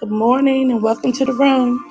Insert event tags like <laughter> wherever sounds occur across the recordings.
Good morning and welcome to the room.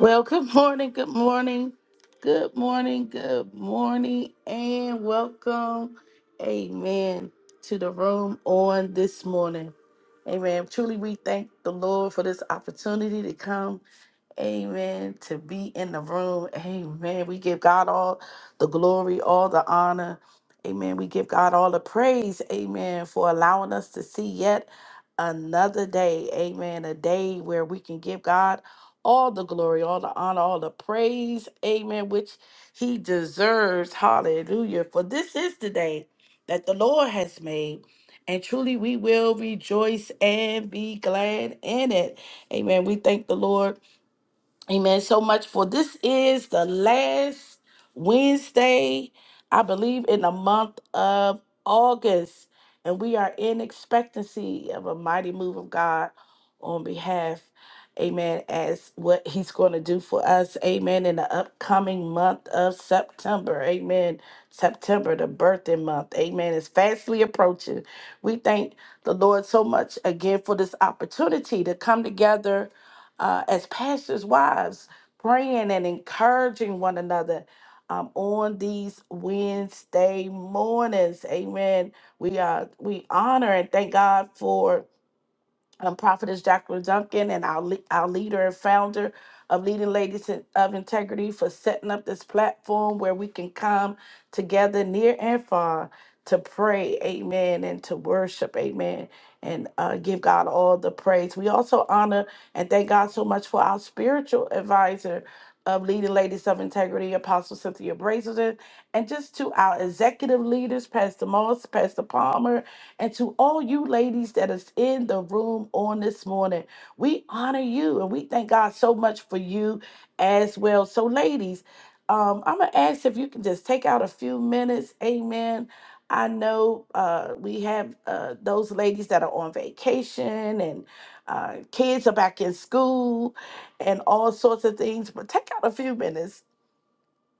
Well, good morning, good morning, good morning, good morning, and welcome, amen, to the room on this morning. Amen. Truly, we thank the Lord for this opportunity to come Amen. To be in the room. Amen. We give God all the glory, all the honor. Amen. We give God all the praise. Amen. For allowing us to see yet another day. Amen. A day where we can give God all the glory, all the honor, all the praise. Amen. Which he deserves. Hallelujah. For this is the day that the Lord has made. And truly we will rejoice and be glad in it. Amen. We thank the Lord Amen. So much for this is the last Wednesday, I believe, in the month of August. And we are in expectancy of a mighty move of God on behalf, amen, as what he's going to do for us, amen, in the upcoming month of September, amen. September, the birthing month, amen, is fastly approaching. We thank the Lord so much again for this opportunity to come together uh, as pastors' wives, praying and encouraging one another um, on these Wednesday mornings. Amen. We uh, we honor and thank God for um, prophetess Jacqueline Duncan and our, le- our leader and founder of Leading Ladies in- of Integrity for setting up this platform where we can come together near and far to pray, amen, and to worship, amen, and uh, give God all the praise. We also honor and thank God so much for our spiritual advisor of Leading Ladies of Integrity, Apostle Cynthia Brazelton, and just to our executive leaders, Pastor Moss, Pastor Palmer, and to all you ladies that is in the room on this morning, we honor you and we thank God so much for you as well. So, ladies, um, I'm gonna ask if you can just take out a few minutes. Amen. I know uh, we have uh, those ladies that are on vacation and uh, kids are back in school and all sorts of things, but take out a few minutes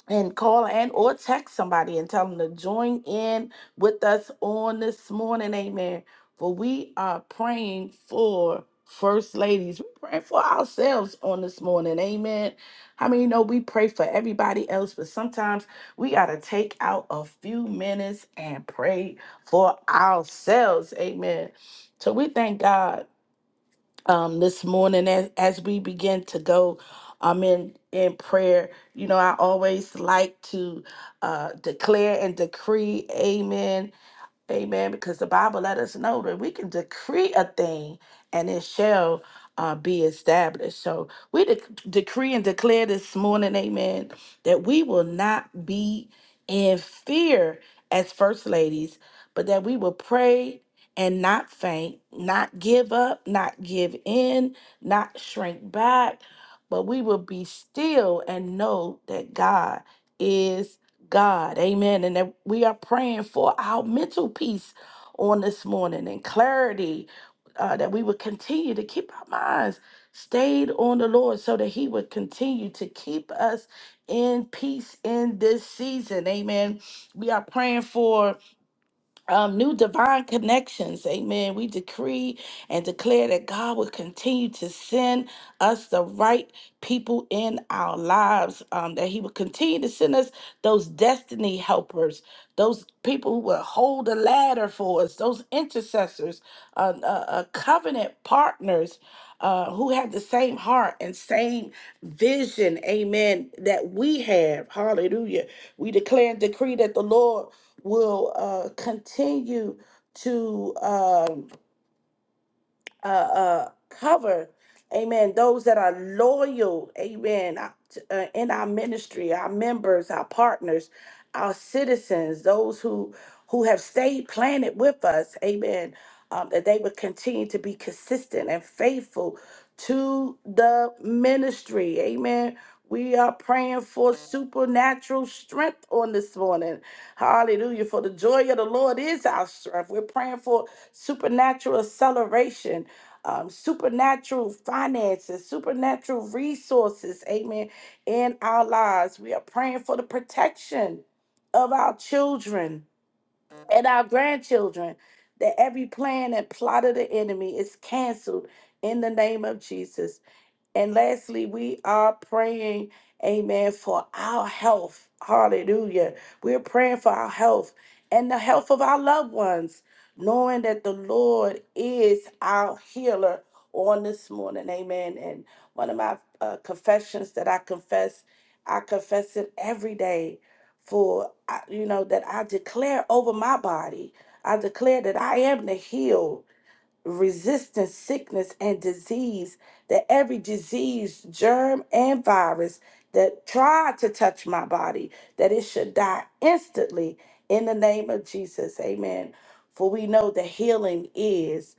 and call and or text somebody and tell them to join in with us on this morning amen for we are praying for first ladies we're praying for ourselves on this morning amen how many know we pray for everybody else but sometimes we got to take out a few minutes and pray for ourselves amen so we thank god um, this morning as, as we begin to go um, in, in prayer. You know, I always like to uh, declare and decree, amen, Amen. Because the Bible let us know that we can decree a thing and it shall uh, be established. So we dec decree and declare this morning, amen, that we will not be in fear as first ladies, but that we will pray and not faint, not give up, not give in, not shrink back, but we will be still and know that God is. God. Amen. And that we are praying for our mental peace on this morning and clarity uh, that we would continue to keep our minds stayed on the Lord so that He would continue to keep us in peace in this season. Amen. We are praying for um, new divine connections. Amen. We decree and declare that God will continue to send us the right people in our lives, um, that He will continue to send us those destiny helpers, those people who will hold the ladder for us, those intercessors, uh, uh, uh, covenant partners. Uh, who have the same heart and same vision, amen, that we have. Hallelujah. We declare and decree that the Lord will uh, continue to. Um, uh, uh, cover, amen, those that are loyal, amen, uh, t- uh, in our ministry, our members, our partners, our citizens, those who who have stayed planted with us, amen, um, that they would continue to be consistent and faithful to the ministry, amen. We are praying for supernatural strength on this morning. Hallelujah. For the joy of the Lord is our strength. We're praying for supernatural acceleration um, supernatural finances, supernatural resources, amen, in our lives. We are praying for the protection of our children and our grandchildren, that every plan and plot of the enemy is canceled in the name of Jesus. And lastly, we are praying, amen, for our health. Hallelujah. We're praying for our health and the health of our loved ones, knowing that the Lord is our healer on this morning. Amen. And one of my uh, confessions that I confess, I confess it every day for, I- you know, that I declare over my body, I declare that I am the healed resisting sickness and disease, that every disease, germ, and virus that tried to touch my body, that it should die instantly in the name of Jesus. Amen. For we know that healing is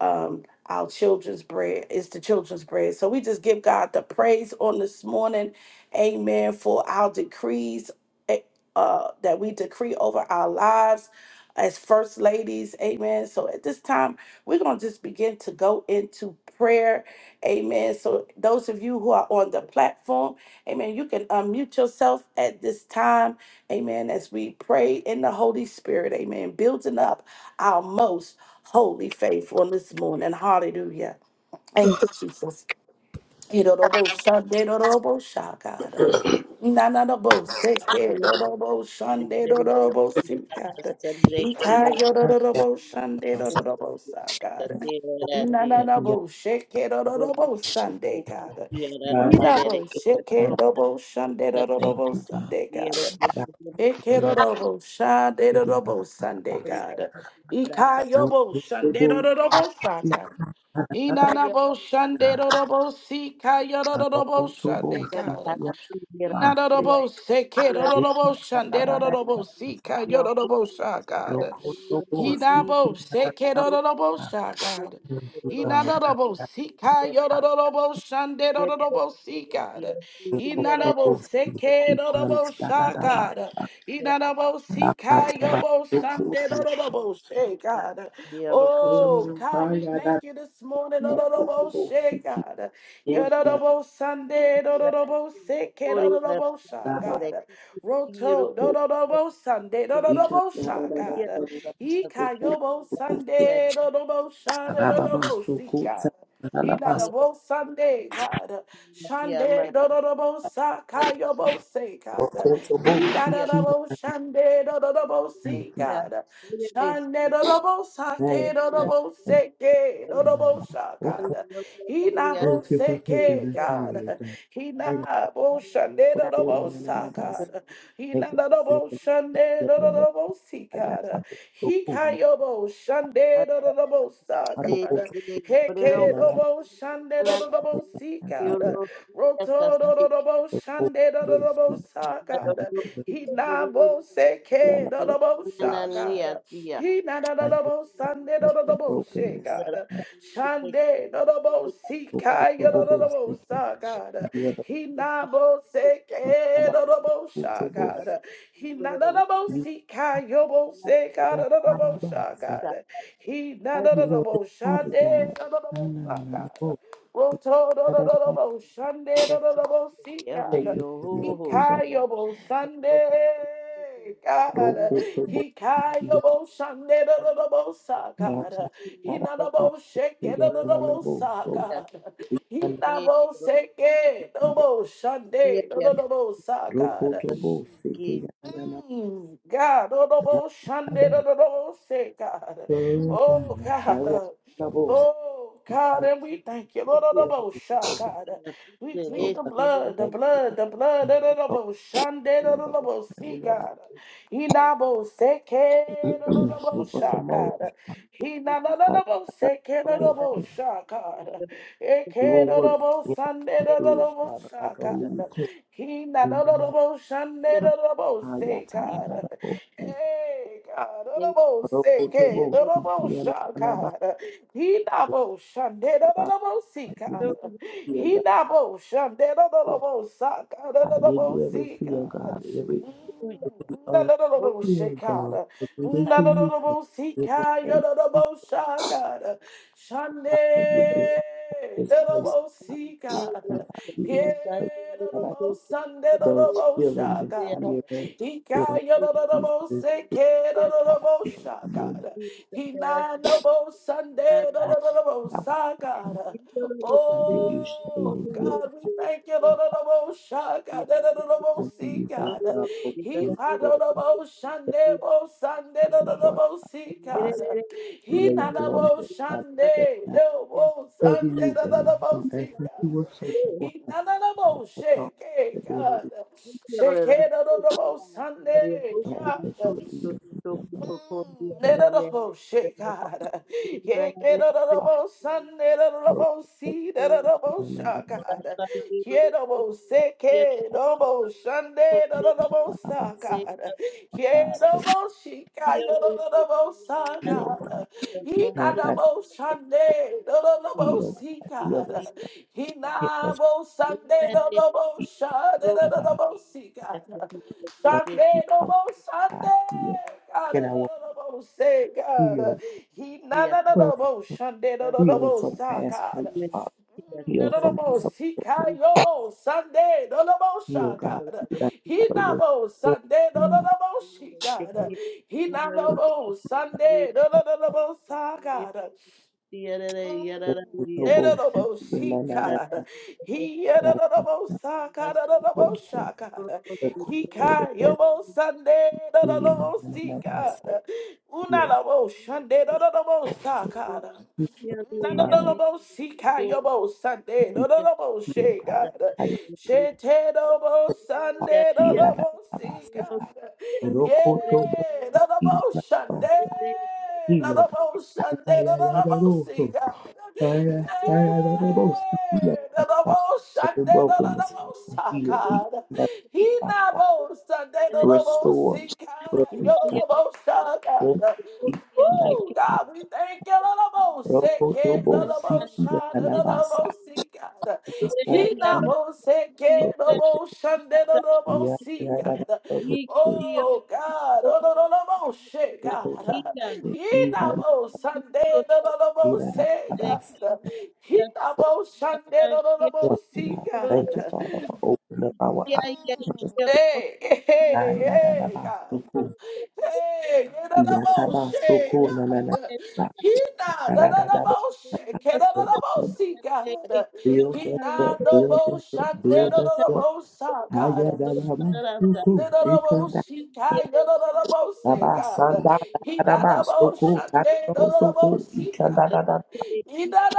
um our children's bread is the children's bread. So we just give God the praise on this morning. Amen. For our decrees eh, uh that we decree over our lives as first ladies. Amen. So at this time we're going to just begin to go into prayer. Amen. So, those of you who are on the platform, amen, you can unmute yourself at this time. Amen. As we pray in the Holy Spirit, amen, building up our most holy faith on this morning. Hallelujah. Thank you, Jesus. Irorobo shande rorobo shakada. Nananobo seke Higher rorobo shande rorobo sikada. Itayo Yeah, shande boss. rorobo sakara. Na na na Yeah, bo shake it do do do bo Sunday God. God, Ina bo shake it do bo Sunday do do do Thank bo you, God. Sunday God. God, Eke will do not do bo Sunday be do do that bo Sunday boss. God. Ika yo No bo Sunday do comfortable, do do bo we Sunday. cry, God. da, da, Ina na bo Sunday do do bo Sika yo do do do no bo comfortable, Sunday seek God. your Na boss. do do bo shake it do do We do bo can, da, da, Sunday do do do bo Sika yo do do bo Sunday No God. He comfortable, na seek bo your da, shake it do do do bo Sunday God. Thank you, God. Inanabosika, Yodorobo Shande, Dorobosika, No comfortable, Inanaboseke, seek your da, Dorobosaka, Inanabosika, Yobo No Shande, Doroboseka. Oh, Oh, God, I we got thank that. you this morning, No Doroboseka, Thank you Yodorobo Sunday, Doroboseke, Dorobosaka, Roto, Dorobosande, Dorobosaka. Ikayobo Sunday, Dodobo Shada, Dodobo God. Inadabo Sunday, God. Shande, Dodobo Sakayobo Se, God. Inadabo Shande, Dodobo Si, God. Shande, Dodobo Sake, Dodobo Seke, Dodobo Sha, God. Inabo for taking Seke, us higher, God. God. I got Inabo Shande, so cold Dodobo on the Sa, night of us. God. Thank you for Hinanadobo the shande healing us. dodobo si I got God. I'm so cold. Hikayobo shande dodobo sa I don't They want God. they put to it de de feel a brero Heke lot dobo shande una dodobo si of the healing. God. hasta Roto I sí dodobo don't want shande to dodobo sleep. sa I pero get God. to yo Hinabo the de night seke of dodobo so sha una God. niña tía He na na na cold. na bo Sunday and na na na the bo shit brokenness. God. And Shande na na bo si the kai ya na na na bo seke sa God. You are the He na bo se ke na na bo sha Nanabakotobo. God. He na na na bo You are si kai yo bo se God the na na bo sha Yanabasa. God. He na para na na na You are the bo Father shande God. na na na bo sa God. Nanananabo. Roto na na na na Dadadada. bo shande na na na bo si Take God. me embryo to the hostia Ikayobo Sunday, Lord. God. Rokotobo. Ikayobo Sunday, the double sack, I God. Yakaka. Dadadada. Hinabo shake, the double Yananabo. sack, So. God. Yananabo. Hinabo shake, double Sunday, the double sack, God. Rokotobo. Seke. Yananabo. Mm, God, oh, no, oh, Sunday, Dadadada. no, no, no, oh, say, God. Oh, Oh, God. God. Hallelujah. uh, Yananabo. Oh, God, Yananabo. and we thank you. Lord, oh, no, oh, sha, God. We plead the blood, the blood, the blood. No, no, So. no, oh, Sunday, no, no, Mother, no, oh, see, we gotta God. Inabo, seke, no, no, no, oh, save <clears throat> us sha, some more. God. He na na na I- I- na bo I- se ke na na bo sha God. E Do a ke na work na bo in us san de na na through na us, bo Father, sha like only you God. can. He na In na the na na name bo shan de am na na bo of Yah, se Ta La La La, God. O Say, Hey God, na na bo Ro Ko se To ke Bo, na na Si bo Ki Ya Na sha Na Na Ba, God. He na O bo shan de Na na na Ba. na bo si I give you God. fear, He God. na bo shan de na na na oh, bo sha God na I na give na bo you every si fear, God, God. every uh, fear, God. Nanadadabosha, I give it to you, Father. In Nanadadabosika, the name of Jesus, Yadadabosha, God. Shande, I give you from this place. Dadabosika. I give you this Yeah, place. God, I give Dadabosande, those a Dadabosha, feelings God. student. of Ika, fear Thank you, Yadadaboseke, Yes, I give Dadabosha, God. you, we Hina, prepared the bad Dadabosande, and we Lord. Dadabosha, God. will I continue to give you shame oh. Oh and guilt. God, we thank you, I Lord of the most high, be God, Lord of the give most high, you, Father God. God, little He open found doors, the most every Sunday, most Sunday, Lord of the Lord, most high, God. cross, He lay found the dormant, most Father God. Sunday, now. the most Every Sunday, new Lord of day, the most I ask high, that you God. will search my heart He found the and walk most in the without shake, eh, the daily. God. Shake it, Lord of the most Sunday, I ask that you God. would lead us in them, and I ask Mm, that my da-da-da-bo-she, God. Yeah, Father da-da-da-da-bo-sun, will in da-da-da-da-bo-see, the keep them in da-da-da-bo-sha, the Yes, God. Yeah, da-bo-se, ke, da-bo-shun, I of da-da-da-da-bo-sa, our God. Yeah, lives. So da-bo-she, ka, yeah, da da da da bo heal, God, God. He na because da I bo Sunday, da da da da bo heal, God, God. heal us, He na heal us, bo-sun, Father da-da-da-da-bo-sha, da God, I da got bo God. open the Sunday, no house, more God, Sunday. heal. God, no, And I will no, no, no, no, say, God. uh, Heal, He, na, na, na, from- no more Sunday, no, no, no, heal more, from sa, past God. hurts, Father. Mm, No, Heal no, no, from more, see, disappointment. God, no more Sunday, no, no, more, Heal, sa, God. God. You got He, out of na, all- more all- Sunday, no, none no, of no, more, she, God. He, na, no, more Sunday, no, no, no, no, more, sa, God. the world, no bullshit. You know, no, no, no, Nedodoboshika. no, no, no, no, no, so. Hiyadododobosakadododobosaka. No corruption, no bullshit. You know, no, no, no, no, Hikayobosandedododobosika. so. Heal, Thank so Unaloboshandedododobosaka. mind, Nadadolobo sika yobo Sunday, we dodolobo heal, she God. God, I am she te dobo Father. Sunday, Heal, I got dodolobo out of see us. God, No corruption, no yeah, dodolobo bullshit. Sunday, Heal, God. dodolobo Yeah, Sunday, yeah, yeah, dodolobo no, no, you. so. see God, Fire, Thank fire, that little boat. Yes, hey, that's right. dodolobo Every Sunday, brokenness dodolobo Father, sa heal, equal God, that he that, that. nabo Sunday, dodolobo restore, see God, broken that yodolobo sa strength, equal that Woo, that. God, we thank you, Lord, most Roko second, Lord, tobo most siki shine, Lord, yanabasa. most see, God. Stop He not and most second, Lord, roko most shine, Lord, ya most see, ya da da God. roko to Oh, God, Lord, Lord, Lord, most shake, God. roko to He siki not yana most Sunday, Lord, Lord, ira most da say, da basa. God. He not most Sunday, Lord, Lord, Yes, most see, Lord. God. Thank you, you. Father, for opening up our Thank Mm, eyes. Hey, Ah, hey, ya da da hey, God. basu ko Hey, da da ya da Yedadaboshe, tabasu ko na na God. na. He na da Ra-da-da-da-ba. dadadaboshe, kedadadabosi, God. Build He us na up, no build bo us shan, up, da build us up. build us da up. shande, dadadabosa, God. Ayadalaba, Mm, suku, da ikanda. kai, dadadabose, Daba, God. sanda, He da dadadaba, suku, shande, tadabo, suku, dadadabosi, ikanda, God. dadadada, He da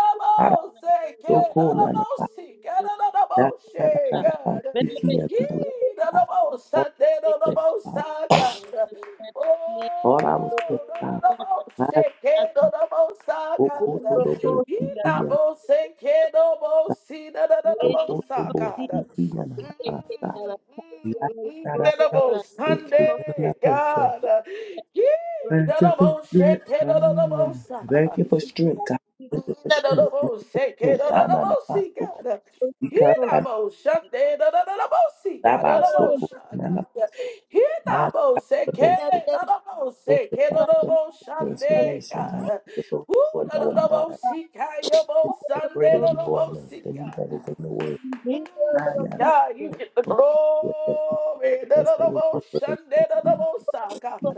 suku, nanaba, kedadabosi, kedadadaboshe, dadadadadaba, God. siki, He yadadaba. da I you. fought shande, Thank this, I dadadabosa, God. Oh, thought I was this, no, no, I no, no, had shake it, no, no, no, saka, suku, da. todobo, Ina siki, yadadaba, bo shake it, no, bo si, da, da, da, da, bo suku, todobo, saka, da. siki, yadadaba, sa. Mm, mm, mm, da, da, Yadadadaba, bo siki, Sunday, yadadaba, God. Yee, Thank da, you da, for bo strength. shake it, no, no, no, bo Ah, sa. Thank you for strength, God. Thank you for strength. Strength. Ah, na, na, Na-na-na-mo-se-ke-na-na-na-mo-si, ba, so cool. God. We can't have Hina-mo-shun-de-na-na-na-na-mo-si, that, God. ba, so cool. Na-na-mo-shun, Na, na, God. ba, ba, ba, ba, so cool. Thank you, Father God, for Hina-mo-se-ke-na-na-mo-se-ke-na-na-mo-shun-de, transformation, God. God. Thank you for Woo, renewing our mind. na-na-na-mo-si, God. The greater you are in us Yo-mo-shun-de-na-na-mo-si, than he God. that is in the world. Mm, Ah, na, na, God, you you. get the so cool. Thank you glory. Da, for us da, that da, was bo, offered us to Sunday, da, see. da, bo, sa, God. We we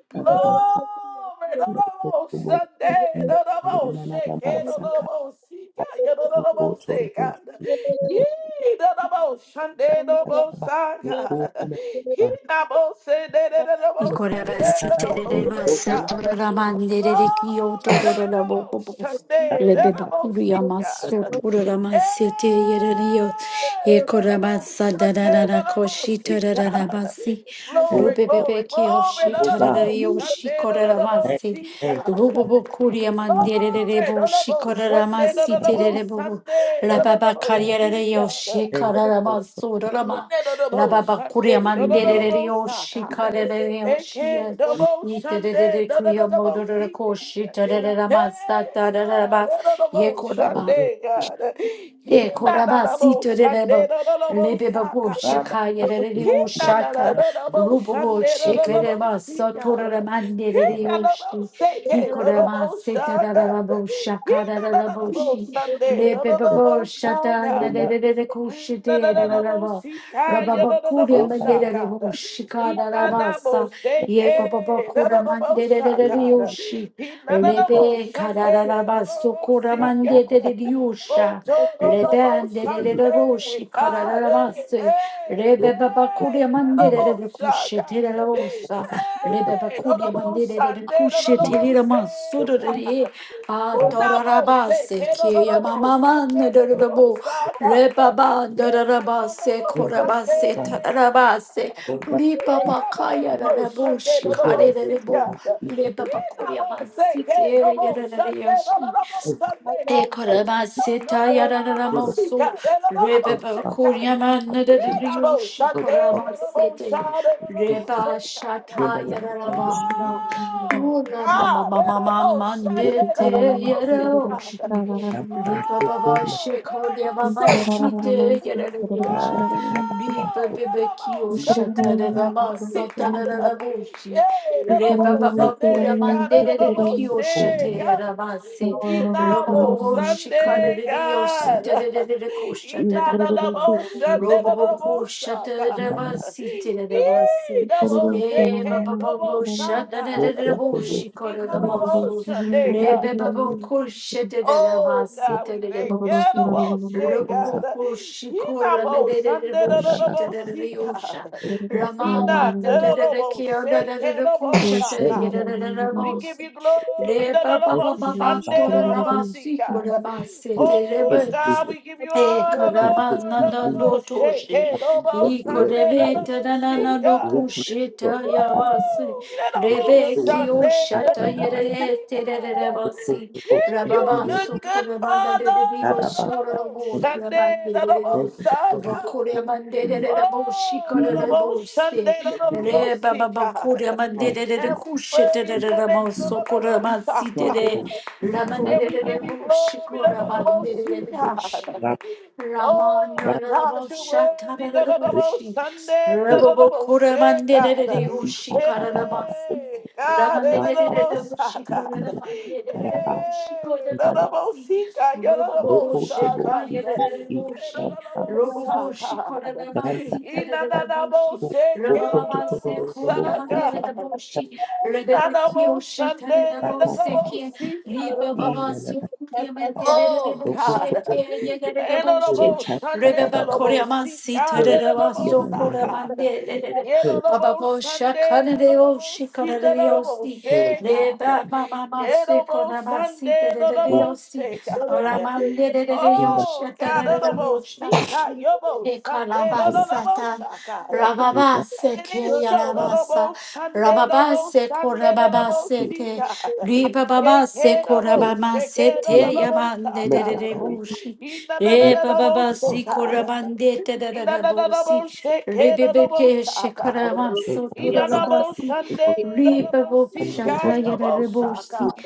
can't have that, ba, so Glory. Da, da, bo, cool. Sunday, da, da, bo, Na, na, na, ba, so cool. Na, na, shake na, ba, it, da, so da, cool. Na, bo, see, God. Yeah, da, da, da, bo, na, na, say, ba, God. so cool. Yee, da, da, bo, Sunday, da, Oh bo, sa, God. He, da, bo, say, da, da, da, da, bo, see, da, Ikorabasi da, da, bo, say, tererebasa God. toraramanderere kio Glory to the tororarabobo. most Sunday, to the most Lebeburiamaso God. Hey, tororamasete yererio. to the most ikorabasa Sunday, to the darararakoshi most God. torararabasi. Glory, Rubebebe glory, glory to the God, most Sunday, to the thank most Shikoraramasi, you, thank you, God. Rubobo Kuria Father Glory Manderebo, to the most Sunday, to Shikoraramasi, the most Terebo, Sunday, to the Rababa God, most Kariareo, God. thank you, Shikaramasu, Rama, Rababa Kuria thank Shande, do do do do you, are. bo Mandereo, sa God. Shikarareo, Eke Shia, do bo shande, do do do Niterekuya do bo si Modorako, Shitaramasa, Hey God, Tararaba, do do do bo the Yekorama. shande blood, God. He the E na na na bo korabasito de shande, debo do do do bo lebeba sa bo God. Rabbi, shakaya de de the He o blood, the na blood, na na shaka do do rubo bo shande, the do blood, do do bo shekere the ba si satora God. de mande He de de na blood, o na bo shi se he ke, do do korama bo seta sha da da da God. bo He shaka da na da da na na bo bo shi shande, do do do lebeba the bo bo sha shata na de blood, de de de ko shite Sunday, the da high da ba raba hope, ba kure oh mande God, de that de bo shika da da I ba sa ye pa pa pa kura mande de de de feel de for o shi you, God, lebe kada God, da da ba so kura mande God, de de de oh God, Rebende it's a de good de boshi karararamase. hope, Rebe baba oh kuria mandere God, de de kushe tere la osa. Rebe baba kuria mandere de de kushe you are tere la here masuro de de. A from the torarabase ki ya mama manne de de Lord, de bo. Reba ba dorarabase in the korabase God, Sunday, tararabase. oh God, Ri Oh, baba God. kaya de de Oh, God. boshi you're kare healing, de oh de bo. God, you Rebe baba kuria mansite ya de de de God, Ekoramaseta Set yararamaso rebebe up kuryaman a breach nereriyushi of koramasete system reba shata in the Thank mighty you. name of yararamana ura mama Yahweh. mama mama Oh, dede Father, yaraoshi I'm riba so baba cold. shekorya baba Oh, God. site Ah, ta- yarariyosha ta- ta- ta- ta. Oh, riba bebe little Na- kiyosha na- Sunday, na- tararama little see, God. satararaboshi Yeah, reba little na. baba Sunday, kuryaman God, Oh, little so nereriyosha cold. Na- see, na- na. God. teramasete Oh, so Inabo Robobo Sunday, shikadadidio cold. God. sitadadadadico ba Inabo Sunday, Robobo ko little Saka. I'm ba not sitadadabasi. Inabo Shake, Ye bababo little ba so Saka. Thank you. cold, so cold. Na- na- na. Inabo shikadadamasu. Sunday, God. Rebebabo ko shatadadaba Oh God, we thank you, the sitadadabosi. Oh, most high it's Robobo God. hot. ko He not most Sunday, Na- shikolamedadadabo the the- na- the na- na- most na. high shitadadadiosha. God. So hot. He Ramama not the the the most dadadadakia high, can the Thank most high you. Thank you, God. God. We give dadadadakushatadadadadabosi. you glory, Le the the- ba the ba Thank you, ba ba most ba Sunday, to God, the the ra ba most high si ko ra God. ba se which te le ba Oh is God, good, we give you E honor, that which karaba Lord, the we the nana need to no most high, toşe, can the most i resurrect, Sunday, the Father. the korebete da most high na So, no God. reconstruct. kuşeta I got to yavası, Ooh, that almost rebeki Lord. shot o there, I- that şata thank you that I- da- da- da- da- almost see yere God. terere basi, Yeah, oh, thank you a rababa you, good, good sokore bana father. dederi da- o da- da- That da. şororo almost bo, Thank you. shot rabay there, that dederi, thank almost you for saw giving baba me God. kore man dedere de bo Oh, that being şikarere bo almost shot se, there, that re almost baba see baba God. kore man strong, dedere de And we kuşete praise the dedere name, bo that sokore most man strong, shot. sidere, strong. Da- da- da- raman da- And we give dedere da- da- you bo glory, da, şikora da- da- da, da, man da- most da- dedere sweet de cool. bo God. şi. Ra- Oh, ra- God, you're worthy, da, da, da, re- most Ramanaraboshakararaboshi. Sunday, oh, da, da, da, most share, God. oh, ee, Rabobokoramanderereoshi ta- ta- da- da- da- kararabasi. Hey, God, da, ra- da, da, ta- da- most da- high, Ramanerereoshi ee, ee, God. da- Hey, da- da- koraramanderereoshi ba- da, da- da- da, korarabosi. most see, God, yeah, da, da, ro- most ko- to- high, bo- God. ee, ee, ee, Hey, Roboboboshekayarareoshi. da, da- da- da, da, da- most high, Roboboshi God. da- da- koraramasi da- Ina, da- da, da, terereboshi. most oh, say, oh, eh, ko- da, to- da, to- to- to- most to- bo- high, ee, ee, God. da- Rabababasekoyamandereboshi. Yes, Ina, da, da- most Sunday, da- da, ka- da, ta- da- Rebebekiyoshataraboseki. most see, Riba ee, God. baba da- da- da- sokuya da. mendelere Oh Ro- ko- to- boşe God. bo- keyelere ee, boşe. Enorable cha- Sunday Rebeba Robo koreman see God sitere purge baba Robo sokura Yanana, Saka. mendelere. purge it, Baba Yerobo boşa Sunday that kanere Robo boşe see the kanere Robo yosi. purge shake God. Reba mama mase Yerobo kona masi Sunday terere water Robo yosi. shake that God. water Ramandelere in the Oh yoşe God name of terere Jesus. Robo boşe. see God Yobo Sunday Fire that Robo Ekalabasata, Saka. over And Rababase it is so. No, that no, Kayarabasa, bo, Sunday, double bo, Rababase Sunday, no, no, man. bo, Heal, Korababasete, God. Shake Ribababase it, no, heal, shake it, no, heal, no, Korabamasete, no, God. sa, Yamande de Make us God. whole. Rebushi, Ina, na, na, Make na, no, bo, us whole. Ebababasi God. Korabandete de Ina, na, na, no, Rebushi, bo, shake it, no, double bo, Rebebeke sa, God. Shikaramaso Ina, na, Thank bo, Turabasi, you for Sunday, no, this. no, bo, Ribabo I'm the God, I no, Shataya bo, workmanship, God. sa, You Rebushi, God.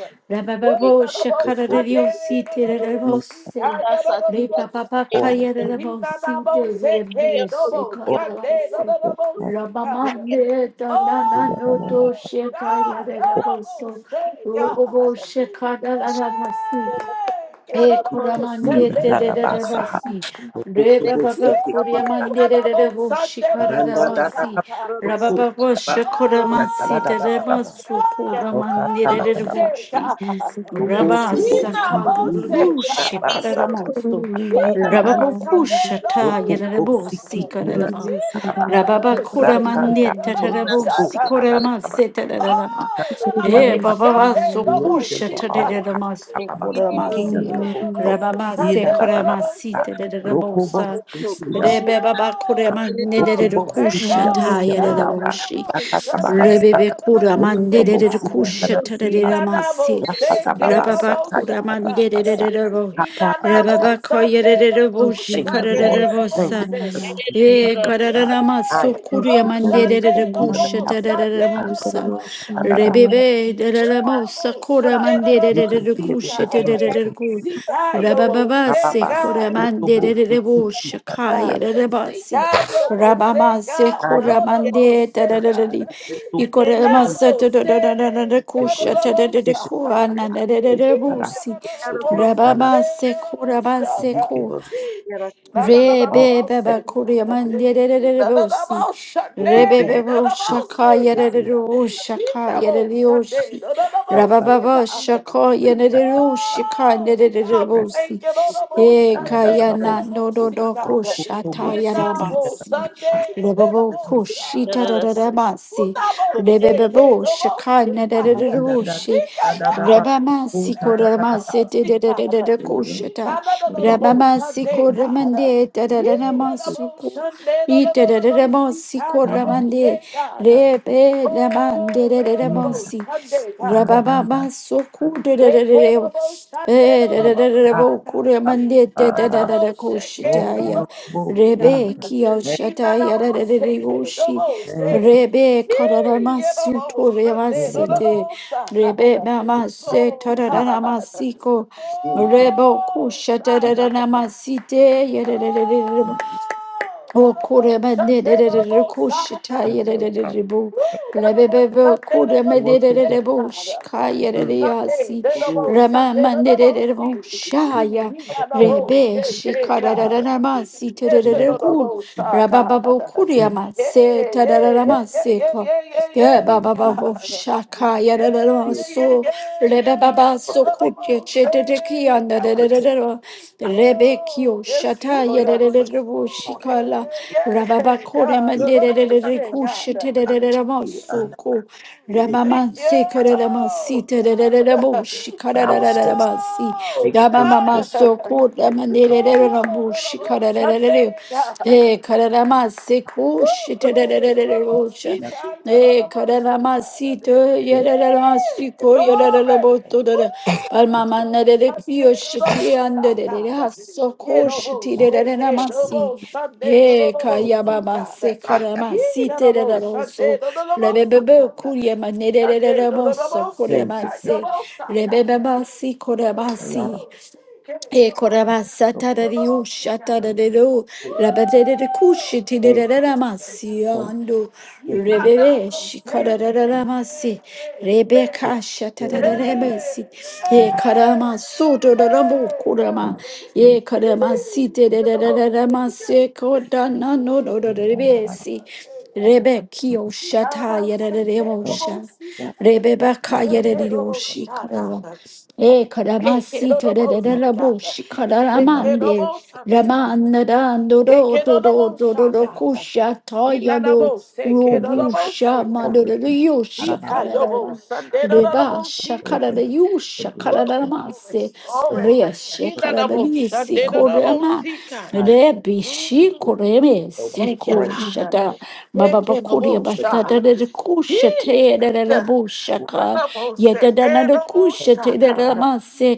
Woo, We Rabababo no, no, bo, support Shakarario Sunday, no, City no, no, bo, me, see, Rebose. God, are no, no, no, Ripa sa. papa order, kaya de Ina, na, bosite double de shake it, no, brese bo, order, Sunday, no, karalase. no, no, your hand God. Rabamande da na in na the no Yanana, do Oh, shekaya de God. la or I almost boso. say, God. Robo bo shekada la la masi. Hey, God, E I almost said, koramande Ida, man, te de Nana de I de Basaha. almost- basi. Reba Rokobo baba Siki, Yee, Ikata, I koramande de de de almost bo said, that I shikara de Randa, almost Dada, basi. said, God. Roko, Rababa bo Daba, shekora Yata, masi Dada, te Dada, de Oh, Dada, baso God, koramande I de de de almost Basi. bo said, shi. God. Rabba Rokoto He not bosi almost ina said, Sakayurushi God. nabasa Kararamosu. He kaya not naba. almost said, that I Rababokushata almost Roko said, Yerabosi bosiki God. ina Kararaba. He not naba. Rababa almost said, Rakanda Kuramande that I bo almost the world. said, Tatarabosi roko God. naba. I'm not Koraramase Oh, that Eh, about Naba Baba was Sunday, so no cool, once more and for shattered Sita. all. the maso, Naba siki Oh, ina Koramasi, God, nabo no no kro. more Ramamase, Ina Sunday, no naba no more Koramasi, naba. the Sita. Roko Rabosa, bosiki ina. Rebe Baba Oh, Koraman, God, Roko we Nedere thank you, bosiki Kusha, I'm oh Taya, stepping the God, out. no Boshi, no more Rakata baba Sunday, no Rebebe saka. no no no more Roko Kuraman, to Nedere bosiki ina Sita. Kusha, naba. We na na more Ramasi, Rakata Sita, baba no Rababa more saka Kuraman, Sita. Nedere Rabo, We ba na naba. na more Rababa Koyere Sunday, no more Boshi, Thank you, Sunday, Lord. Korere no no more Thank you. for the Bosa. Sita. peace of E Wee! God. kararama I am sokuruya Double Sunday, manderere we are the kuşa double apple of your tararara Sunday, eye, no, no, God. mousa. double Da, da, da, Sunday. Rebebe Woo, tararara mousa double kora Sunday, da. no, You double manderere continue see with the kuşa God. things that tararara ku. See continue. God, yo, bo, Rabababa Ba, ba, say se ba, so, kora God. so, so, bo, si, manderere boşa da, Ah, da, kaya See rabasi. God, yo, bo, say Rabama se God. da, ya, kora No, no, bo, mande say da, da. tararara God. di. So, so, İkora bo, masa Double say tararara Your God, no, kuşa grace is double tararara sufficient. ku I Sunday. see. anarara Da, da, busi. so, so, Double da, da. Rabama Sunday, se double kora mase You give ku. us Sunday. Na na na na na all na Rebe beba sufficient. say. kuria mandere Na na na rebosi. na So, so, Rebe so, bo, Sunday. Na bebo so, na so, na shaka say. Na listen. na yerero shaka na na Sunday. yereroshi. Na na na na Da, da, da, Rabababa Sita. shaka break, God. yerero shika Oh, God, nererebosi. thank you, Lord, i on Da, E da, da, Sunday, da, Lord, bo, kayana so, I'm no on so, do see, do so, God. so, a bo, kushata He man. si, now on yaramasi. Sunday, Lord, I'm Rebebo Hallelujah! on kushita glory. Sunday. Who raramasi. now on Rebe Sunday, Lord, bebo I'm on shaka see, God. Yanda Da nereroshi. da da da ba ko Rebamasi da da Sunday, da Lord, da I'm da on koramasi de de de de ko yo He kushata. now, Lord, Lord, yo ko I'm on Rabamasi Sunday, God. Koramande, He now, Lord, i Tadaramasuku, Sunday, Lord, Lord, Lord, I'm on see, Itadaramasi God. da You're ba ho on Koramande, God. Rebe Oh, Ramande, Lord, Lord, ni I'm da da Ramosi, Sunday, da God. da da Rabababa Soku, Dadadadadeo, Oh Eh, ko da Dadadadadabo da Kuramande, da da ro ku ro Dadadadakoshitaya, bo ki Rebe ne Kioshataya, Dadadeoshi, ne Rebe Koramasuto ye da da Remasite, Rebe da Mamase, God. Tadaramasiko, Rebo Oh kusha da da da God. namasite O kore Oh, mende de Sunday, de de the de most kushita high. yere de de de bu Woo, the rebebe most bu Sunday, kore the They mende work most de de together. de bu high. shika yere de Sunday, yasi the Lord, double rema Sunday, the mende de double de de see. bu I shaya We will got the thank whole rebe shit, yeah, shika da you, da da God. but da ma si te de Yes, in de the the de name of ku double Jesus, suck, God. rabababu bu kure Yeah, se ta da da yeah, da no, yeah, ma yeah, se yeah, ka yeah, yeah, de I yeah, didn't babababu ba ba feel God. shaka yere de de Yeah, ma feel yeah, yeah, so yeah, rebe ba yeah, ba for yeah, so the protection. kure double che I thank de de ki say, you anda for de God. de de protection. de I gotta Oh, Rebekio yes, Shataya Lord. thank you for Oh, Shikala support. yeah, yeah, yeah, Rababakore God. The double Mandere say, God. But Kushitamosoko Thank you, Ramamanse God. Karamansita Shikara I was steps. Oh, make place for Ramamama God. open Soko doors of Ramandere the door Oh, little old Rabushikara Sunday. Eh, kararama seko Woo! Glory. Lord, shiterererererosha. see and God, yeah, Eh, Lord, Lord, see kararama God. sito against yererama Yeah! siko God Glory. that yererereboto Woo! dere. Lord, Palma put your Lord, manere kiyo Sunday, Lord, shiti Lord, see andere God. hasso Yeah, ko Lord, Lord, back shake it. shiterererama Lord, si. Lord, Lord, Eh, in the kaya see baba God. se rock. kararama Yeah, Lord, Lord, Sunday, siterereroso. Lord, Lord, Lord, see Rebebebe God. kurye Sunday, Lord, manererereremo Lord, so Lord, see Thank korema you, God, thank yeah, se. Lord, Rebebeba si korema Yeah, you, Lord, Yaba, si. Lord, shake it. E so korabasata for da Lord, rio Lord, see shata da them. God. de do la batete de kushi ti de da Thank you, da masi thank you, ando gentleness. rebebe shi kara da da da masi rebe It's kasha ta still da da another lesson rebe si e in karama so do da da bo kurama some things. e karama si te de da I da da da masi ko da na no do do da mean, nah, nah, rebe nah, nah. si rebe ki o shata ya da da rebo Thank you, sha God, rebe ba keep ka my ya da mouth de o shut, shi kara God, E Hey, get karamasi on the boat, keep my see tererere God. boşi foot in Hey, my mouth. Get on the kararamande boat someday, God. ramandaran doro doro doro doro Thank God, Hekedodobosaka. kuşa make me tayano Hinanabose, concentrate robuşa and kedodobose, focus. God. madoro yuşa Arababa, Ikayobo, kararama The reba sandedodobose, blood, the şakarara blood, God. the yuşa Woo! blood, the Glory, karararamase blood, glory. Rea the Hinanabose, shekaradini blood, the blood. sikorema sandedodobose, God. high rebi shi Mm, school, koreme so the Thank you, siko brain, God. shaka baba bakuria the batata blood Hekedobosha. de Hee, kushate de la will bushaka Hinanabose, yeta dana de come kedobosha, kushate de out. God. ramase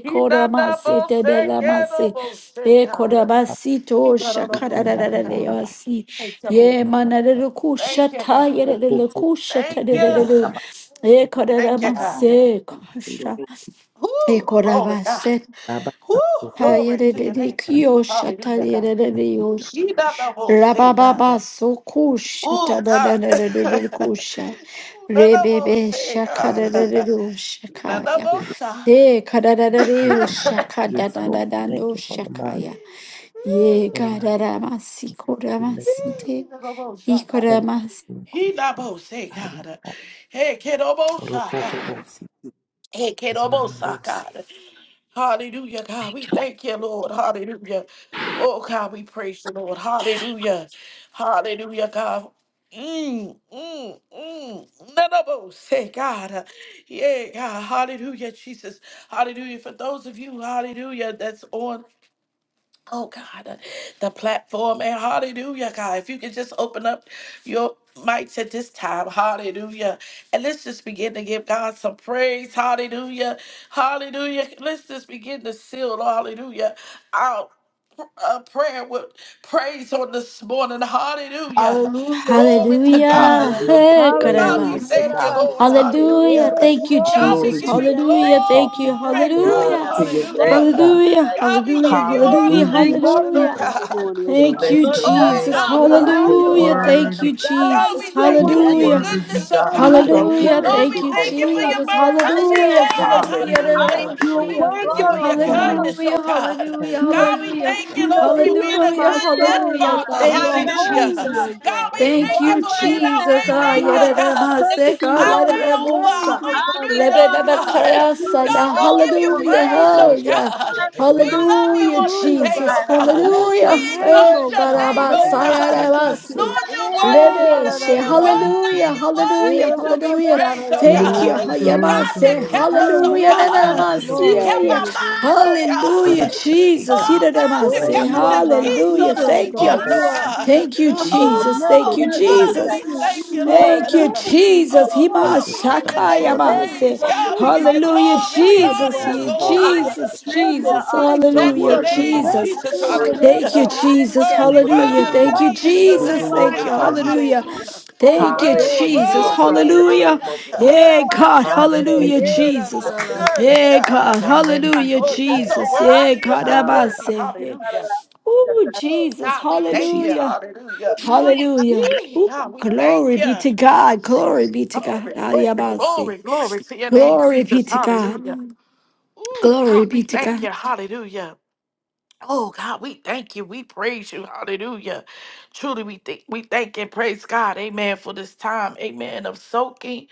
It koramase de Hinanabose, ramase kedobose, e God. comes korabasito to the shakara da, Hinanabose, da, da, de da, God. yasi Thank you, ye da, Lord. da, mana de da, Thank you, kushata ye so God. de cool, la so cool. It Thank kushata de can, you. da, da, de ba, Thank you, ba, God. so cool, so Woo! e koramase Glory, kosha God. Woo! so cool. Glory to your Hayerere name, Jesus. kiyo Hallelujah, God. shatarere yosh. He not the most say, Rababa God. sokush Oh, God. <laughs> tadarere kusha. Ooh, not the Rebebe most say, God. shakarere Hallelujah. <laughs> He not the shakaya. most shy. De kararere Thank you, Lord. <laughs> Yes, Lord. shakadadadando Thank you for the mind. shakaya. Ye The mind. gararamasi Thank you. We He lift them up. koramasite. not the most shy, God. That was in He Christ not the Jesus. most say, I got God. that. Hey, kid, almost shy, Rokoto God. Bosi. Hey, kid, na, almost shy, Nananabosi. God. Hallelujah, God. We Thank you. thank you, Lord. Hallelujah. Oh, God, we praise you, Lord. Hallelujah. Hallelujah, God. Mm, mm, mm. None of us say, God. Yeah, God. Hallelujah, Jesus. Hallelujah. For those of you, hallelujah, that's on. Oh God, uh, the platform and hallelujah, God. If you could just open up your mics at this time, hallelujah. And let's just begin to give God some praise, hallelujah, hallelujah. Let's just begin to seal, hallelujah, Our A prayer with praise on this morning. Hallelujah. Hallelujah. Glory Thank to you, Hallelujah. Jesus. God. Hallelujah. Hey, God, Hallelujah. we Glory to Karabasa. thank you, God. Lord. Yerabashate. Hallelujah. Hallelujah. Eh, Thank you, God, glory we Glory to Jesus. to give you, your you Dad. glory. name, Hallelujah. Thank Father. We you. magnify you. God, Glory Hallelujah. to We your name, glorify hallelujah. God. Hallelujah. God, you. we We Hallelujah. give you adore you. Hallelujah. honor We Hallelujah, this love morning, you oh Hallelujah. this Jesus. God. morning, oh Thank God. you, Bless You're your a great Oh Jesus. name, God. God, we You're an God. thank You're you, awesome Hallelujah. Lord. God. Thank worthy. you, God. God God, Jesus. we is a thank You you are for your wonder. Hallelujah. worthy, goodness, oh God God. is God. a Thank you, Hallelujah. wonder. Lord, thank we Thank you, you, Oh thank you thank you. for God, your Jesus. you're a wonder, mercy, Hallelujah. oh God. God. Hallelujah. Hallelujah. Hallelujah. You're a We Glory, Hallelujah. thank you wonder, for glory, your oh glory. God. kindness, oh Hallelujah. Hallelujah. God. Thank you, You're, God, we Hallelujah. thank you, Jesus. you're the Lord, We Thank, for being keeper bless of a your my Hallelujah. good, name, good soul, Lord oh Hallelujah. father. God. God. thank God, Thank You're you, you, I Father. Hallelujah. ask, holy, uh, Jesus. oh God, God. We we You're Thank Thank thank you you. you, for glorify being righteous. your our Jesus. way Ah, name, You Lord maker, are Hallelujah. God. perfect in yadadamaseka, Our God. all way your over, ways, our oh lebebebe, way God. through, There is oh none God. like you Lebebebekayasa, in You God, da- we all give of you the Hallelujah. earth, praise, oh oh Bless God. Hallelujah. God. your holy We name, love you Hallelujah, on Hallelujah, today, Jesus. oh God. God. God. Bless We your Hallelujah. name, exalt Eh, oh your God. name, Hallelujah. oh Hallelujah. God. Thank you. Yerabashatu. karabasayarabasi. Lord, you're Eh, worthy, Rebeshe. you're Thank yararararara. you, worthy, Hallelujah. you're Jesus. Hallelujah. worthy to be Hallelujah. praised, oh Thank you. Yerabashararararara. God. Glory, glory, God, you Yamase. glory. kept us, oh Hallelujah. God. Hallelujah. You Glory Hallelujah. to kept Nanamase. our mind, oh you, Hallelujah, God. Bless your name, Jesus. God. Oh God, you Lord, Hiranamase. Bless kept your you us are in name, my God. peace Hallelujah. on keeper, oh this Thank We you. morning, God. thank You oh are you, God. God. Thank you, We Alpha and thank Jesus. you. Thank Omega. We Oh you, You thank are the you. God, and We Jesus. we beginning. thank You, you, you are Lord. Thank you, omnipotent. You Jesus. have Oh all God, thank you, we give power Father. your in There's name your nothing hands. too You Himashakayamase. praise. are hard for God, we you. give omniscient. you You are all Hallelujah, glory. We wise. You are honor Jesus. Nothing you, all He- too oh hard for knowing. you, God. Jesus, God. You are the Oh, Jesus. we You're present. exalt You Hallelujah, your are worthy, the name, God. Jesus. You're best Jesus. thing that worthy. Hallelujah. Thank you, ever happened Jesus. We to Worthy, Thank me. you. And bless Hallelujah. I you, Thank you, God. worthy love is you, the We Lord. Jesus. Lamb of I Thank you. honor God. glorify you. you, oh Hallelujah. God. Hallelujah. I Thank you, adore Worthy, Hallelujah you, Jesus. oh to God. worthy. the Hallelujah. Lamb of God. Hallelujah. Yeah, God. Yerabashate, Hallelujah, Hallelujah. Jesus. Hallelujah. erarararashate. Worthy, Yeah, God. God. Hallelujah, Lord, Hallelujah. you're Thank so Jesus. Yeah, worthy. You're you. God. so worthy. Abase. Yeah. Hallelujah. Oh, Ooh, Jesus. God, we thank God. you. Hallelujah. Hallelujah. Hallelujah. Hallelujah. Yee, God, Ooh, we thank glory you. be to God. Glory be to God. Glory, glory, Ayabase. glory, glory to your name, Glory be Jesus. to Hallelujah. God. Ooh, Glory God, we be to thank God. you. Hallelujah. Oh God, we thank you. We praise you. Hallelujah. Truly, we think we thank and praise God. Amen. For this time. Amen. Of soaking.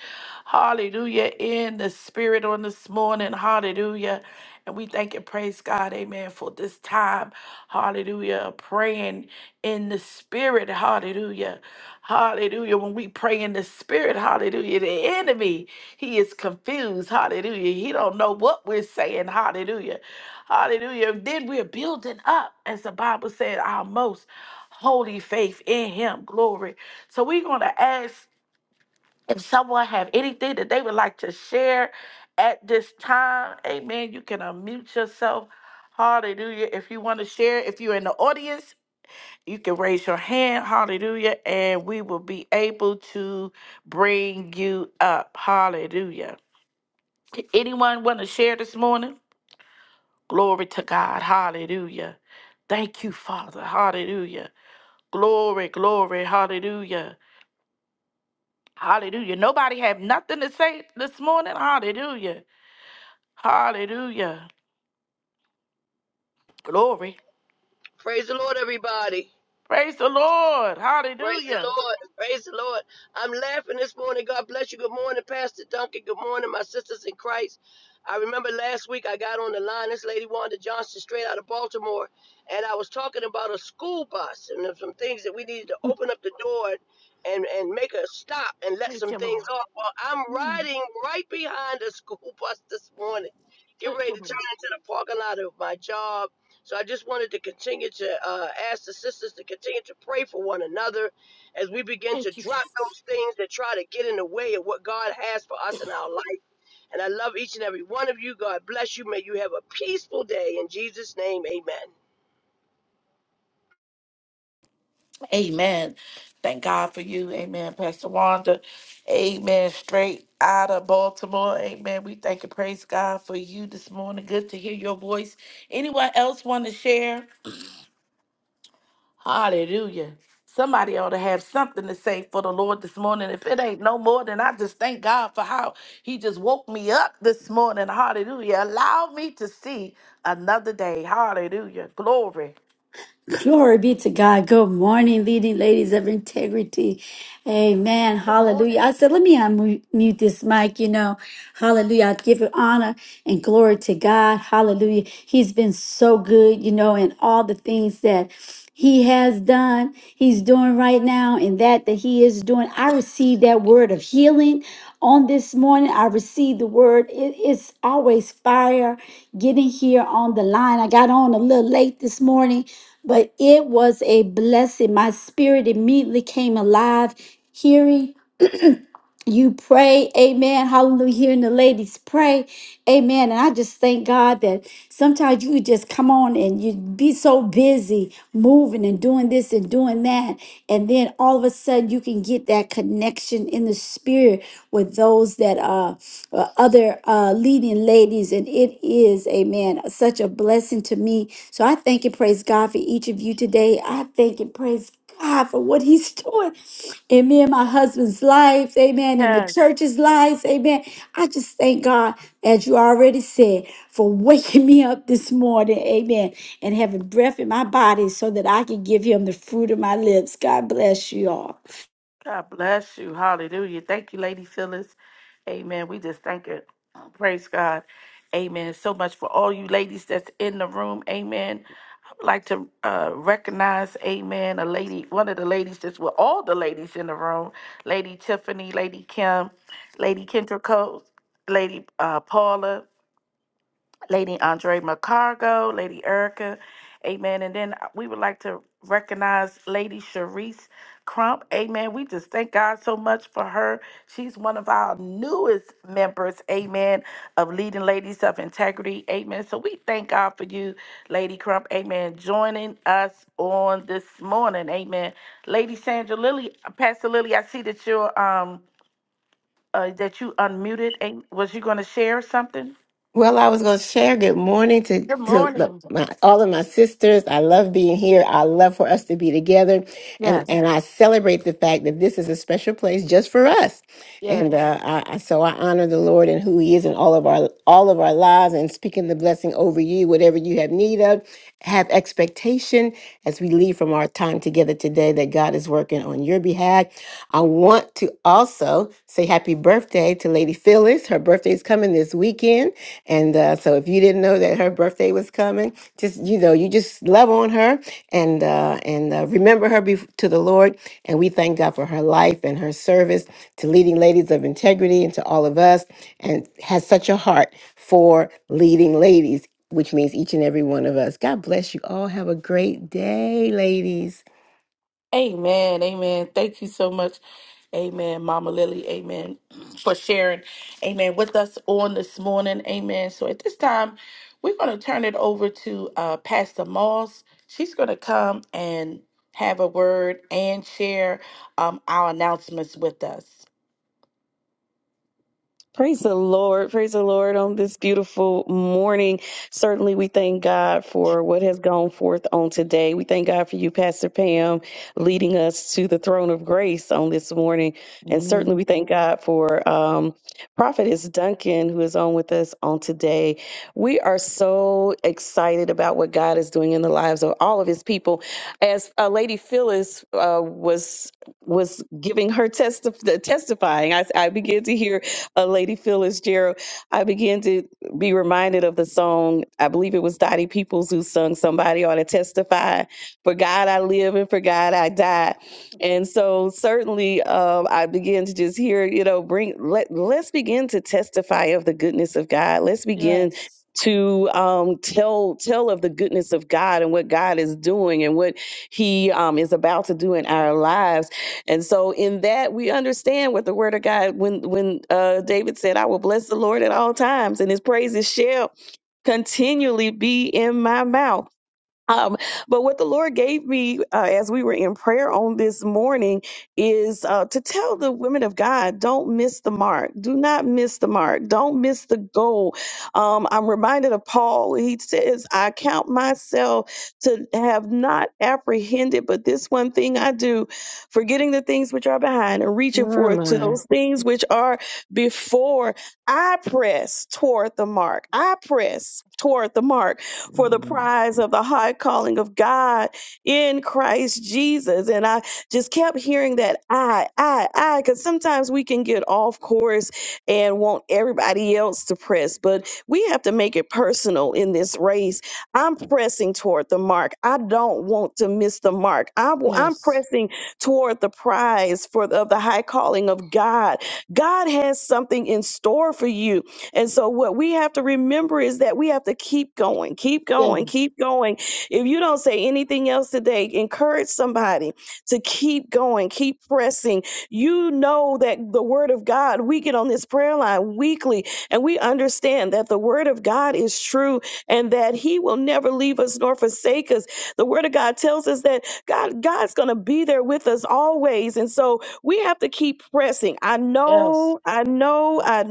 Hallelujah. In the spirit on this morning. Hallelujah. And we thank and praise God. Amen. For this time. Hallelujah. of Praying in the spirit. Hallelujah. Hallelujah. When we pray in the spirit, hallelujah. The enemy, he is confused. Hallelujah. He don't know what we're saying. Hallelujah Hallelujah. Then we're building up, as the Bible said, our most holy faith in him. Glory. So we're going to ask if someone have anything that they would like to share at this time. Amen. You can unmute yourself. Hallelujah. If you want to share, if you're in the audience, you can raise your hand. Hallelujah. And we will be able to bring you up. Hallelujah. Anyone want to share this morning? Glory to God. Hallelujah. Thank you, Father. Hallelujah. Glory, glory. Hallelujah. Hallelujah. Nobody have nothing to say this morning. Hallelujah. Hallelujah. Glory. Praise the Lord, everybody. Praise the Lord. Praise the Hallelujah. Lord. Praise the Lord. I'm laughing this morning. God bless you. Good morning, Pastor Duncan. Good morning, my sisters in Christ. I remember last week I got on the line. This lady Wanda Johnson, straight out of Baltimore, and I was talking about a school bus and some things that we needed to open up the door and and make a stop and let Thank some you, things Lord. off. Well, I'm riding right behind a school <laughs> bus this morning, getting Thank ready you, to Lord. turn into the parking lot of my job. So I just wanted to continue to uh, ask the sisters to continue to pray for one another as we begin to Thank you, drop Jesus. those things that try to get in the way of what God has for us in our life. And I love each and every one of you. God bless you. May you have a peaceful day. In Jesus' name, amen. Amen. Thank God for you. Amen, Pastor Wanda. Amen. Straight out of Baltimore. Amen. We thank and praise God for you this morning. Good to hear your voice. Anyone else want to share? Hallelujah. Somebody ought to have something to say for the Lord this morning. If it ain't no more, then I just thank God for how He just woke me up this morning. Hallelujah. Allow me to see another. Good Glory be to God. Good morning, leading ladies of integrity. Amen. Hallelujah. I morning. said, let me unmute this mic, you know. Hallelujah. I give it honor and glory to God. Hallelujah. He's been so good, you know, in all the things that he has done, he's doing right now, and that that he is doing. I received that word of healing on this morning. I received the word. It- it's always fire getting here on the line. I got on a little late this morning, but it was a blessing. My spirit immediately came alive hearing you pray, amen. Hallelujah. Hearing the ladies pray, amen. And I just thank God that sometimes you just come on and you'd be so busy moving and doing this and doing that. And then all of a sudden you can get that connection in the spirit with those that are uh, other uh, leading ladies. And it is, amen, such a blessing to me. So I thank and praise God for each of you today. I thank and praise God for what he's <laughs> doing in me and my husband's life, amen, in the church's lives, amen. I just thank God, as you already said, for <laughs> waking me up this morning, amen, and having breath in my body so that I can give him the fruit of my lips. God bless you all. God bless you. Hallelujah. Thank you, Lady Phyllis. Amen. We just thank it. Praise God. Amen. So much for all you ladies that's in the room. Amen. I would like to uh, recognize, amen, a lady, one of the ladies that's with all the ladies in the room, Lady Tiffany, Lady Kim, Lady Kendra Coates, Lady uh, Paula, Lady Andre McCargo, Lady Erica, amen. And then we would like to recognize Lady Sharice Crump, amen. We just thank God so much for her. She's one of our newest members, amen, of Leading Ladies of Integrity, amen. So we thank God for you, Lady Crump, amen, joining us on this morning, amen. Lady Sandra Lily, Pastor Lily, I see that you're, um, uh, that you unmuted. Ain't- Was you going to share something? Well, I was going to share good morning to, Good to the, morning. my, all of my sisters. I love being here. I love for us to be together. And, Yes. and I celebrate the fact that this is a special place just for us. And Yes. uh, I, I- so I honor the Lord and who he is in all of our all of our lives and speaking the blessing over you, whatever you have need of. Have expectation as we leave from our time together today that God is working on your behalf. I want to also say happy birthday to Lady Phyllis. Her birthday is coming this weekend. And uh, so if you didn't know that her birthday was coming, just you know, you just love on her and uh, and uh, remember her bef to the Lord. And we thank God for her life and her service to leading ladies of integrity and to all of us, and has such a heart for leading ladies, which means each and every one of us. God bless you all. Have a great day, ladies. Amen. Amen. Thank you so much. Amen. Mama Lily. Amen. <clears throat> For sharing. Amen. With us on this morning. Amen. So at this time, we're going to turn it over to uh, Pastor Moss. She's going to come and have a word and share um, our announcements with us. Praise the Lord. Praise the Lord on this beautiful morning. Certainly, we thank God for what has gone forth on today. We thank God for you, Pastor Pam, leading us to the throne of grace on this morning. And certainly, Mm, we thank God for um, Prophetess Duncan, who is on with us on today. We are so excited about what God is doing in the lives of all of his people. As uh, Lady Phyllis uh, was was giving her testi- testifying, I, I began to hear uh, Lady Phyllis Gerald, I began to be reminded of the song. I believe it was Dottie Peoples who sung "Somebody Ought to Testify." For God I live, and for God I die. And so, certainly, um, I began to just hear, you know, bring let let's begin to testify of the goodness of God. Let's begin Yes. to um, tell tell of the goodness of God and what God is doing and what He um, is about to do in our lives and so in that we understand what the word of God when when uh David said, I will bless the Lord at all times, and his praises shall continually be in my mouth. Um, but what the Lord gave me uh, as we were in prayer on this morning is uh, to tell the women of God, don't miss the mark. Do not miss the mark. Don't miss the goal. Um, I'm reminded of Paul. He says, I count myself to have not apprehended, but this one thing I do, forgetting the things which are behind and reaching Never forth to mind. those things which are before. I press toward the mark. I press toward the mark for the Mm-hmm. prize of the high calling of God in Christ Jesus. And I just kept hearing that I, I, I, because sometimes we can get off course and want everybody else to press, but we have to make it personal in this race. I'm pressing toward the mark. I don't want to miss the mark. I, am Yes. pressing toward the prize for the, of the high calling of God. God has something in store for you. And so, what we have to remember is that we have to keep going, keep going, Yes. keep going. If you don't say anything else today, encourage somebody to keep going, keep pressing. You know that the word of God, we get on this prayer line weekly and we understand that the word of God is true and that he will never leave us nor forsake us. The word of God tells us that God God's going to be there with us always. And so we have to keep pressing. I know, I know, I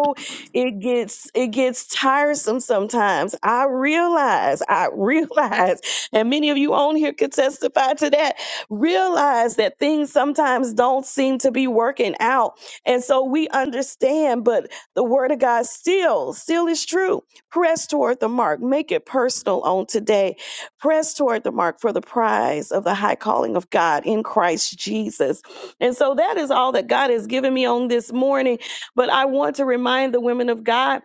oh, it gets it gets tiresome sometimes. I realize, I <laughs> realize, and many of you on here could testify to that. Realize that things sometimes don't seem to be working out. And so we understand, but the word of God still, still is true. Press toward the mark. Make it personal on today. Press toward the mark for the prize of the high calling of God in Christ Jesus. And so that is all that God has given me on this morning. But I want to remind the women of God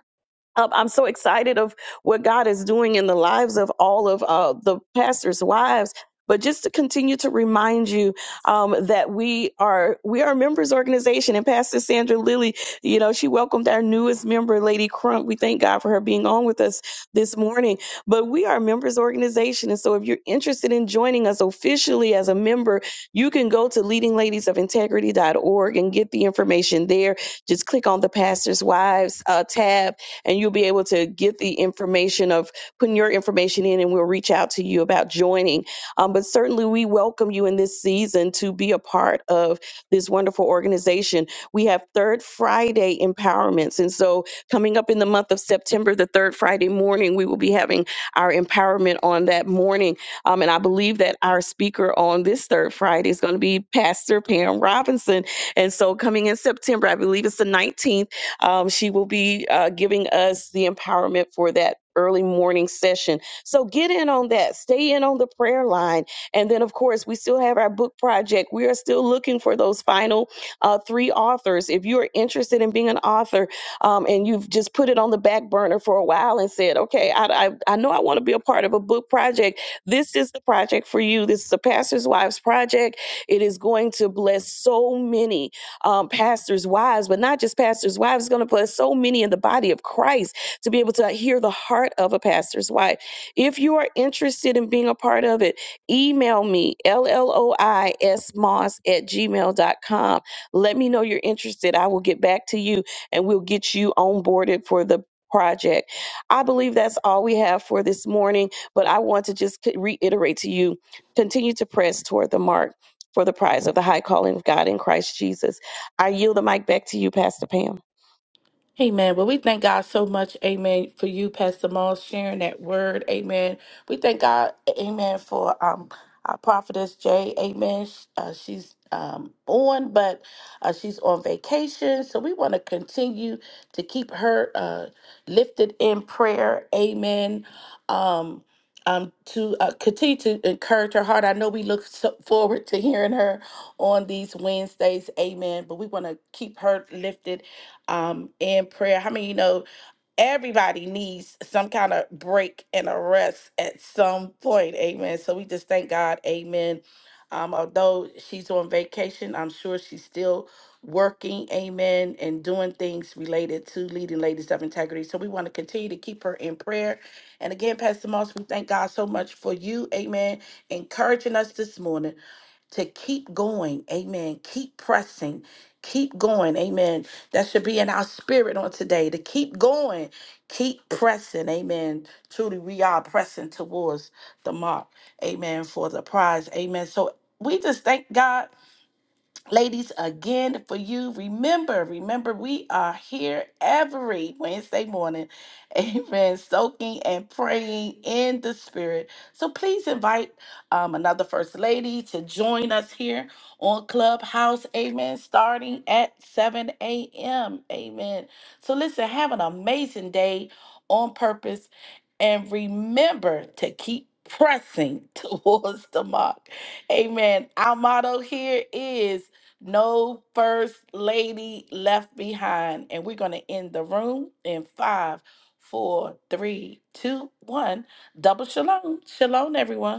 um, I'm so excited of what God is doing in the lives of all of uh, the pastors' wives. But just to continue to remind you um, that we are we are a members organization, and Pastor Sandra Lilly, you know, she welcomed our newest member, Lady Crump. We thank God for her being on with us this morning. But we are a members organization, and so if you're interested in joining us officially as a member, you can go to Leading Ladies of Integrity dot org and get the information there. Just click on the Pastors' Wives uh, tab and you'll be able to get the information of putting your information in and we'll reach out to you about joining. Um, but certainly we welcome you in this season to be a part of this wonderful organization. We have Third Friday empowerments. And so coming up in the month of September, the third Friday morning, we will be having our empowerment on that morning. Um, and I believe that our speaker on this third Friday is going to be Pastor Pam Robinson. And so coming in September, I believe it's the 19th um, she will be uh, giving us the empowerment for that early morning session. So get in on that. Stay in on the prayer line. And then, of course, we still have our book project. We are still looking for those final uh, three authors. If you are interested in being an author um, and you've just put it on the back burner for a while and said, okay, I, I, I know I want to be a part of a book project, this is the project for you. This is the Pastor's Wives Project. It is going to bless so many um, pastors' wives, but not just pastors' wives. It's going to put so many in the body of Christ to be able to hear the heart of a pastor's wife. If you are interested in being a part of it, email me, LLOISMOS at gmail dot com. Let me know you're interested. I will get back to you and we'll get you onboarded for the project. I believe that's all we have for this morning, but I want to just c- reiterate to you continue to press toward the mark for the prize of the high calling of God in Christ Jesus. I yield the mic back to you, Pastor Pam. Amen. Well, we thank God so much, amen, for you, Pastor Moss, sharing that word, amen. We thank God, amen, for um our prophetess Jay, amen. Sh- Uh, she's um on, but uh, she's on vacation, so we want to continue to keep her uh lifted in prayer, amen. Um, um, to uh, continue to encourage her heart. I know we look so forward to hearing her on these Wednesdays, amen. But we want to keep her lifted um, in prayer. How many you know everybody needs some kind of break and a rest at some point? Amen. So we just thank God. Amen. Um, although she's on vacation, I'm sure she's still working. Amen. And doing things related to leading ladies of integrity. So we want to continue to keep her in prayer. And again, Pastor Moss, we thank God so much for you. Amen. Encouraging us this morning to keep going. Amen. Keep pressing. Keep going. Amen. That should be in our spirit on today to keep going. Keep pressing. Amen. Truly, we are pressing towards the mark. Amen. For the prize. Amen. So we just thank God Ladies, again for you, remember, remember, we are here every Wednesday morning, <laughs> amen, soaking and praying in the spirit. So please invite um, another First Lady to join us here on Clubhouse, amen, starting at 7 a.m., amen. So listen, have an amazing day on purpose and remember to keep pressing <laughs> towards the mark. Amen. Our motto here is no first lady left behind. And we're going to end the room in five, four, three, two, one. Double shalom. Shalom, everyone.